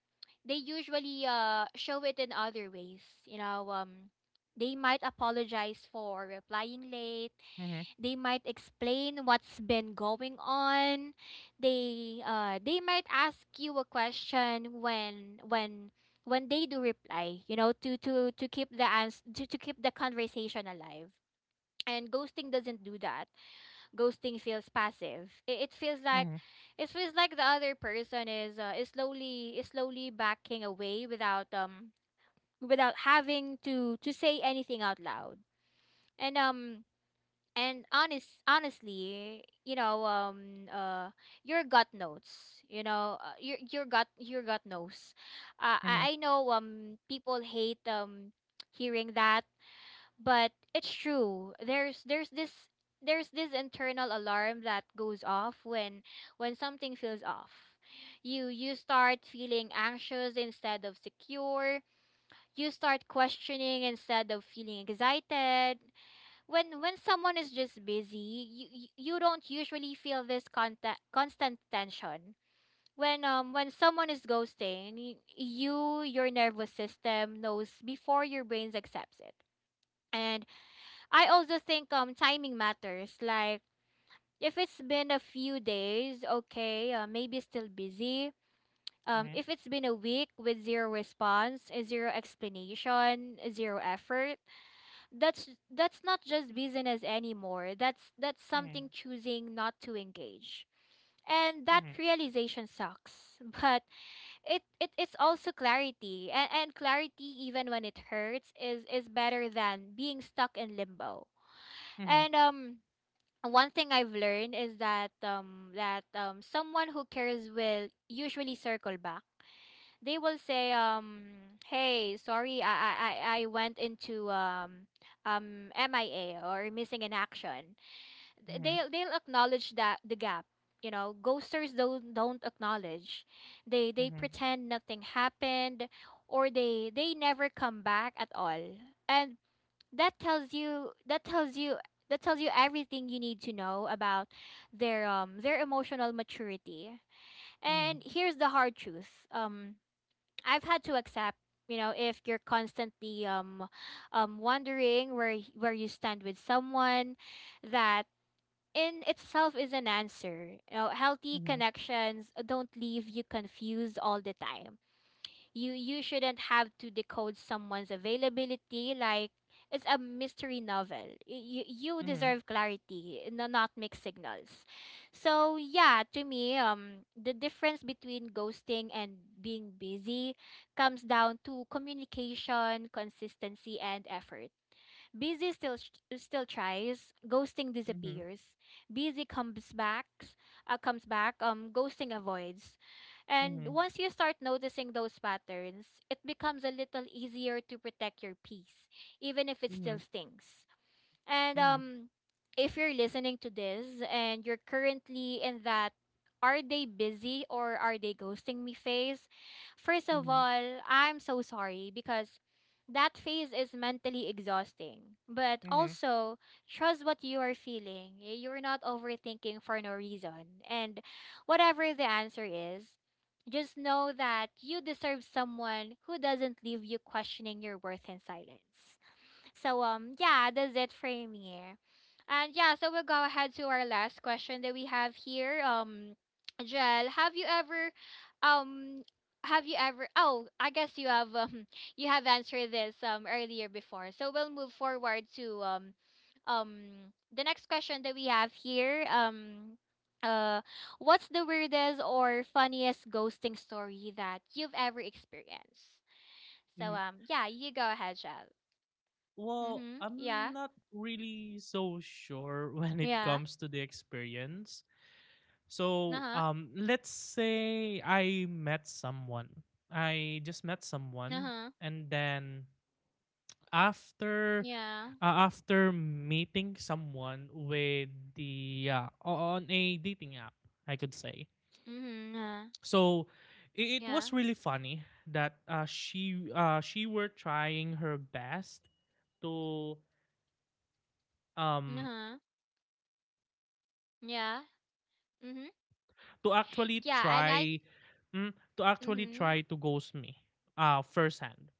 A: they usually show it in other ways. You know, they might apologize for replying late.
B: mhm,
A: They might explain what's been going on. They might ask you a question when they do reply, to keep the conversation alive. And ghosting doesn't do that. Ghosting feels passive. It, it feels like
B: mhm,
A: it feels like the other person is, is slowly backing away without, having to say anything out loud. And um and honestly, your gut knows. You know, your gut knows. uh,
B: mhm, mhm,
A: I, I know, people hate hearing that, but it's true. There's this internal alarm that goes off when something feels off. You start feeling anxious instead of secure. You start questioning instead of feeling excited. When someone is just busy, you don't usually feel this contact, constant tension. When someone is ghosting, your nervous system knows before your brain accepts it. And I also think, timing matters. Like, if it's been a few days, okay, maybe still busy.
B: mhm,
A: If it's been a week with zero response, zero explanation, zero effort, that's not just business anymore. That's
B: mhm,
A: something choosing not to engage. And
B: mhm,
A: that
B: mhm,
A: realization sucks but it's also clarity, and clarity, even when it hurts, is better than being stuck in limbo.
B: mhm, mhm, mhm, mhm, mhm,
A: And one thing I've learned is that someone who cares will usually circle back. They will say, "Hey, sorry, I went into, MIA," or missing in action.
B: mhm,
A: Th-
B: mhm, mhm,
A: they'll they'll acknowledge that the gap. You know, ghosters don't acknowledge. They
B: mhm,
A: pretend nothing happened, or they never come back at all. And that tells you that tells you that tells you everything you need to know about their emotional maturity.
B: mhm.
A: And here's the hard truth, I've had to accept: you know, if you're constantly, wondering where, where you stand with someone, that in itself is an answer. You know, healthy connections don't leave you confused all the time. You shouldn't have to decode someone's availability like it's a mystery novel. You deserve clarity, no, not mixed signals. So yeah, to me, the difference between ghosting and being busy comes down to communication, consistency, and effort. Busy still tries, ghosting disappears. Busy comes back, ghosting avoids. And once you start noticing those patterns, it becomes a little easier to protect your peace, even if it still stings. And if you're listening to this and you're currently in that, "are they busy or are they ghosting me" phase, first of all, I'm so sorry, because that phase is mentally exhausting. But also, trust what you are feeling. You're not overthinking for no reason. And whatever the answer is, just know that you deserve someone who doesn't leave you questioning your worth in silence. So, yeah, that's it for me. And yeah, so we'll go ahead to our last question that we have here. Jel, um have you ever, oh, I guess you have, you have answered this, earlier before. So we'll move forward to, um the next question that we have here. Uh what's the weirdest or funniest ghosting story that you've ever experienced? So, yeah, you go ahead, Jel.
B: Well,
A: Mhm.
B: I'm
A: Yeah.
B: not really so sure when it
A: Yeah.
B: comes to the experience. So,
A: Uh-huh.
B: let's say I met someone. I just met someone,
A: Uh-huh.
B: and then after,
A: Yeah.
B: after meeting someone with the on a dating app, I could say.
A: Mm-hmm. Yeah.
B: So, it
A: Yeah.
B: was really funny that she were trying her best to um
A: Uh-huh. Yeah. Mm-hmm.
B: to actually
A: Yeah, I like
B: try mm, to actually
A: mm-hmm.
B: try to ghost me firsthand.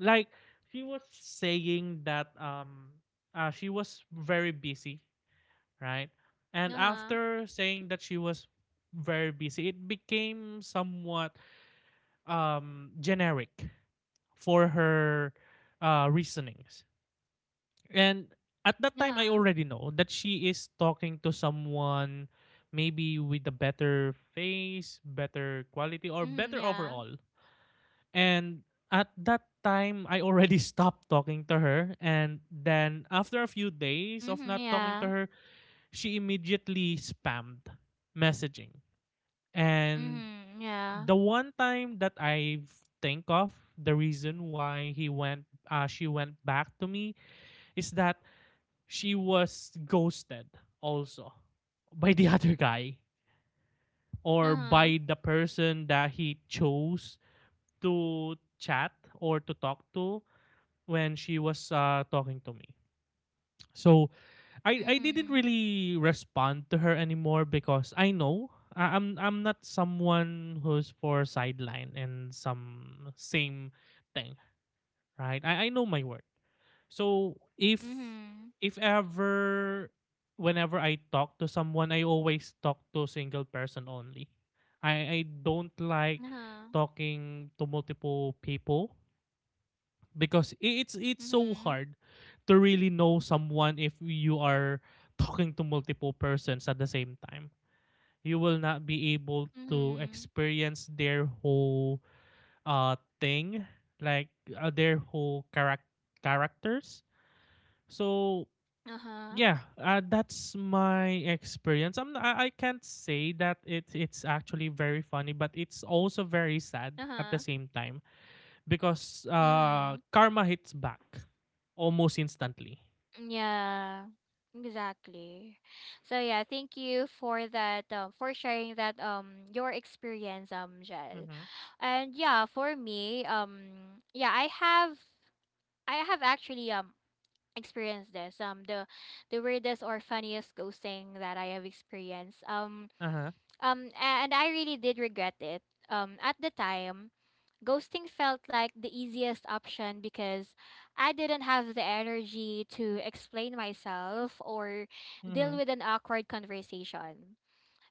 B: Like, she was saying that she was very busy, right, and
A: Uh-huh.
B: after saying that she was very busy it became somewhat generic for her reasonings. And at that time I
A: Uh-huh.
B: already know that she is talking to someone, maybe with a better face, better quality, or
A: Mm-hmm.
B: better
A: Yeah.
B: overall. And at that time, I already stopped talking to her. And then after a few days of
A: Mm-hmm.
B: not talking to
A: Yeah.
B: her, she immediately spammed messaging. And
A: Mm-hmm. Yeah.
B: the one time that I think of the reason why she went back to me is that she was ghosted also by the other guy, or
A: Uh-huh.
B: by the person that he chose to chat or to talk to when she was talking to me. So I didn't
A: Mm-hmm.
B: really respond to her anymore because I know I'm not someone who's for sideline and some same thing, right? I know my worth. So
A: Mm-hmm.
B: if ever whenever I talk to someone, I always talk to single person only. I don't like
A: Uh-huh.
B: talking to multiple people because it's so
A: Mm-hmm.
B: hard to really know someone if you are talking to multiple persons at the same time. You will not be able to
A: Mm-hmm.
B: experience their whole thing, like, uh, their whole charac- characters. So
A: Uh-huh.
B: yeah, that's my experience. I can't say that it's actually very funny, but it's also very sad at the
A: Uh-huh.
B: same time, because
A: Mm-hmm.
B: karma hits back almost instantly.
A: Yeah. Exactly. So yeah, thank you for that, for sharing that, your experience, Jel.
B: Mm-hmm.
A: And yeah, for me, yeah, I have actually experienced this. The weirdest or funniest ghosting that I have experienced.
B: Uh-huh.
A: And I really did regret it. At the time, ghosting felt like the easiest option because I didn't have the energy to explain myself or deal
B: Mm-hmm.
A: with an awkward conversation.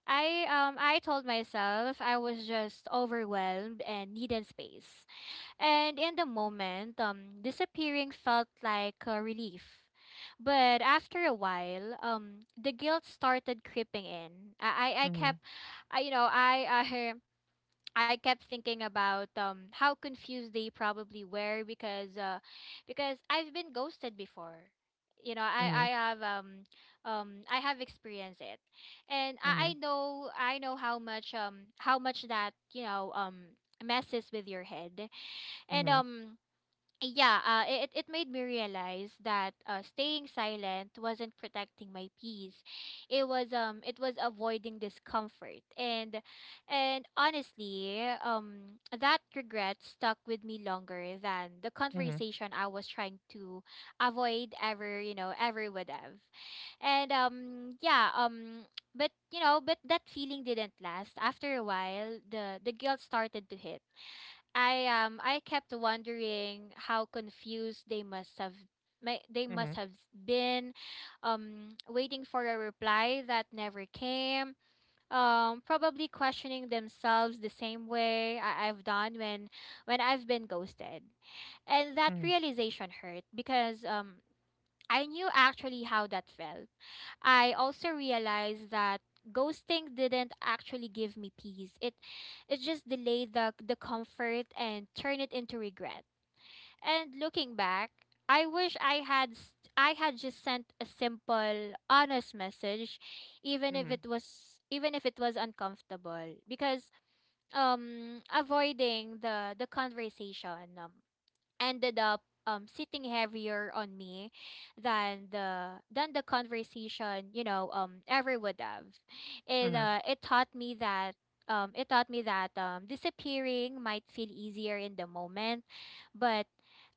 A: I told myself I was just overwhelmed and needed space. And in the moment, disappearing felt like a relief. But after a while, the guilt started creeping in. I
B: Mm-hmm.
A: kept, I, you know, I, I kept thinking about how confused they probably were, because I've been ghosted before. You know, I,
B: Mm-hmm.
A: I have um, um, I have experienced it, and
B: Mm-hmm.
A: I know how much, that, messes with your head, and
B: Mm-hmm.
A: yeah, it made me realize that, staying silent wasn't protecting my peace. It was avoiding discomfort, that regret stuck with me longer than the
B: Mm-hmm.
A: conversation I was trying to avoid ever would have. And yeah, but that feeling didn't last. After a while, the guilt started to hit. I kept wondering how confused they must have may- they
B: Mm-hmm.
A: must have been, waiting for a reply that never came, probably questioning themselves the same way I've done when I've been ghosted, and that
B: Mm-hmm.
A: realization hurt, because I knew actually how that felt. I also realized that ghosting didn't actually give me peace. It just delayed the comfort and turned it into regret. And looking back, I wish I had just sent a simple, honest message, even if
B: Mm-hmm.
A: it was uncomfortable. Because, avoiding the conversation, ended up, sitting heavier on me than the conversation, ever would have. it
B: Mm-hmm.
A: uh it taught me that, disappearing might feel easier in the moment, but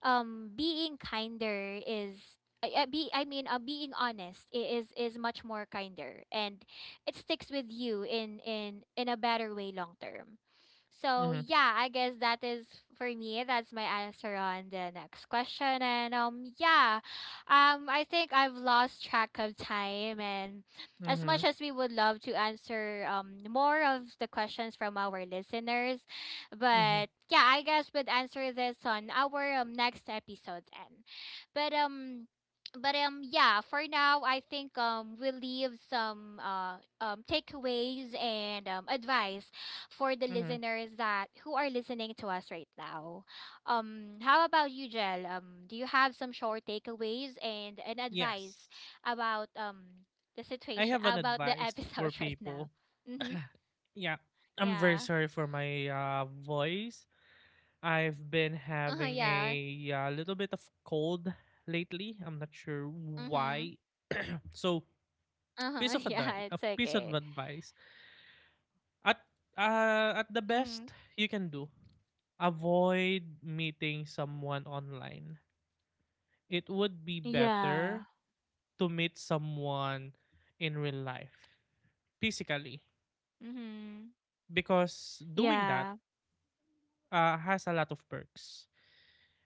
A: being kinder is I be I mean being honest is much more kinder, and it sticks with you in a better way long term. So
B: Mm-hmm.
A: yeah, I guess that is for me. That's my answer on the next question. And yeah, I think I've lost track of time, and as
B: Mm-hmm.
A: much as we would love to answer more of the questions from our listeners,
B: Mm-hmm.
A: but yeah, I guess we'd answer this on our, next episode then. But um but yeah, for now I think we'll leave some takeaways and advice for the
B: Mm-hmm.
A: listeners that who are listening to us right now. How about you, Jel? Do you have some short takeaways and an
B: Yes.
A: advice about the
B: I
A: situation
B: have an
A: about the
B: advice for
A: episode right now?
B: people.
A: Mm-hmm.
B: Yeah. I'm very
A: Yeah.
B: sorry for my voice. I've been
A: Uh huh.
B: having
A: Yeah.
B: a little bit of cold lately. I'm not sure
A: Mm-hmm.
B: why. So,
A: Uh huh. Yeah.
B: a
A: It's
B: piece of
A: okay.
B: advice. At at the
A: Mm-hmm.
B: best you can do, avoid meeting someone online. It would be
A: Yeah.
B: better to meet someone in real life, physically,
A: Mm-hmm.
B: because doing that
A: Yeah.
B: has a lot of perks.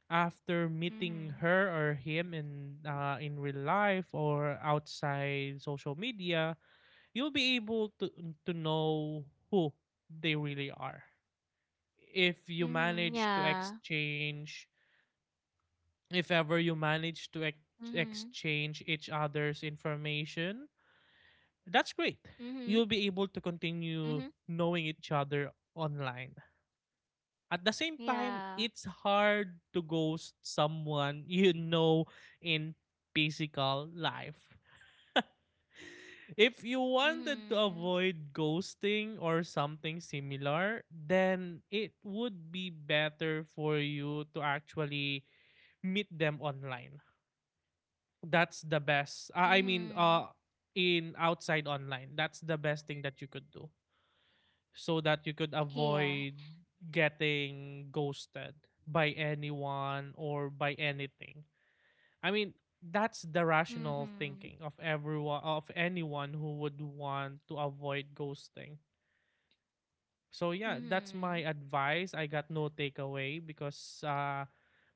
B: After meeting
A: Mm-hmm.
B: her or him in real life or outside social media, you'll be able to know who they really are. If you
A: Mm-hmm.
B: manage to
A: Yeah.
B: exchange, if ever you manage to
A: Mm-hmm.
B: exchange each other's information, that's great.
A: Mm-hmm.
B: You'll be able to continue
A: Mm-hmm.
B: knowing each other online. At the same time,
A: Yeah.
B: it's hard to ghost someone you know, in physical life. If you wanted to
A: Mm-hmm.
B: avoid ghosting or something similar, then it would be better for you to actually meet them online. That's the best. I mean,
A: Mm-hmm.
B: in outside online, that's the best thing that you could do so that you could
A: Yeah.
B: avoid getting ghosted by anyone or by anything. I mean, that's the rational
A: Mhm.
B: thinking of everyone, of anyone who would want to avoid ghosting. So yeah, that's my
A: Mhm.
B: advice. I got no takeaway because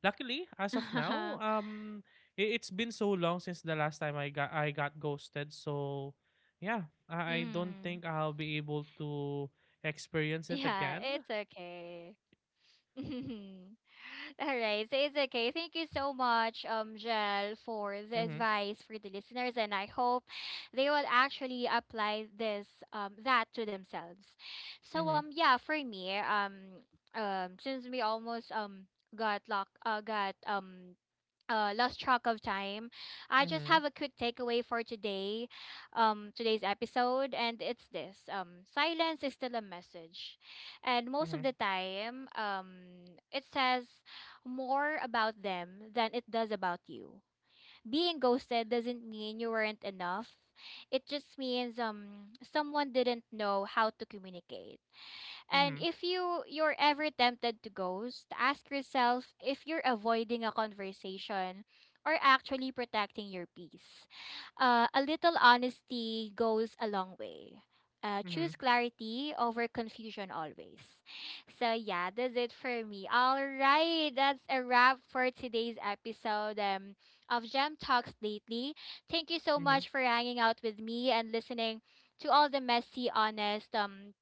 B: luckily as of now,
A: Mhm.
B: it's been so long since the last time I got ghosted. So yeah, I don't think I'll be able to experience it
A: Yeah,
B: again.
A: it's okay. All right, so it's okay. Thank you so much, Jel, for the
B: Mhm.
A: advice for the listeners, and I hope they will actually apply this, that to themselves. So,
B: Mhm.
A: yeah, for me, since we almost got lock, got lost track of time. I just
B: Mhm.
A: have a quick takeaway for today, today's episode, and it's this: silence is still a message, and most of
B: Mhm.
A: the time, it says more about them than it does about you. Being ghosted doesn't mean you weren't enough. It just means someone didn't know how to communicate. And
B: Mhm.
A: if you're ever tempted to ghost, ask yourself if you're avoiding a conversation or actually protecting your peace. A little honesty goes a long way.
B: Mhm.
A: Choose clarity over confusion always. So yeah, that's it for me. All right, that's a wrap for today's episode, of Gem Talks Lately. Thank you so
B: Mhm.
A: much for hanging out with me and listening to all the messy, honest,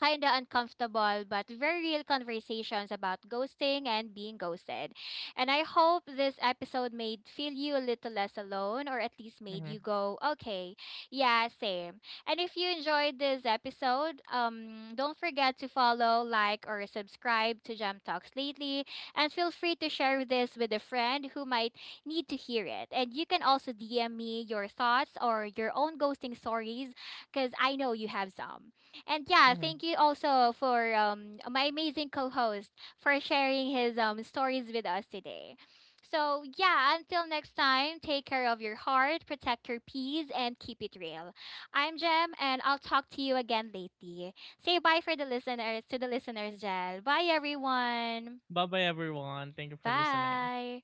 A: kind of uncomfortable but very real conversations about ghosting and being ghosted. And I hope this episode made feel you a little less alone, or at least made
B: Mhm.
A: you go, "okay, yeah, same." And if you enjoyed this episode, don't forget to follow, like, or subscribe to Jam Talks Lately. And feel free to share this with a friend who might need to hear it. And you can also DM me your thoughts or your own ghosting stories, because I know you have some. And yeah,
B: Mhm.
A: thank you also for, my amazing co-host for sharing his, stories with us today. So yeah, until next time, take care of your heart, protect your peace, and keep it real. I'm Jem, and I'll talk to you again later. Say bye for the listeners, to the listeners, Jel. Bye everyone.
B: Bye-bye everyone. Thank you for listening.
A: Bye.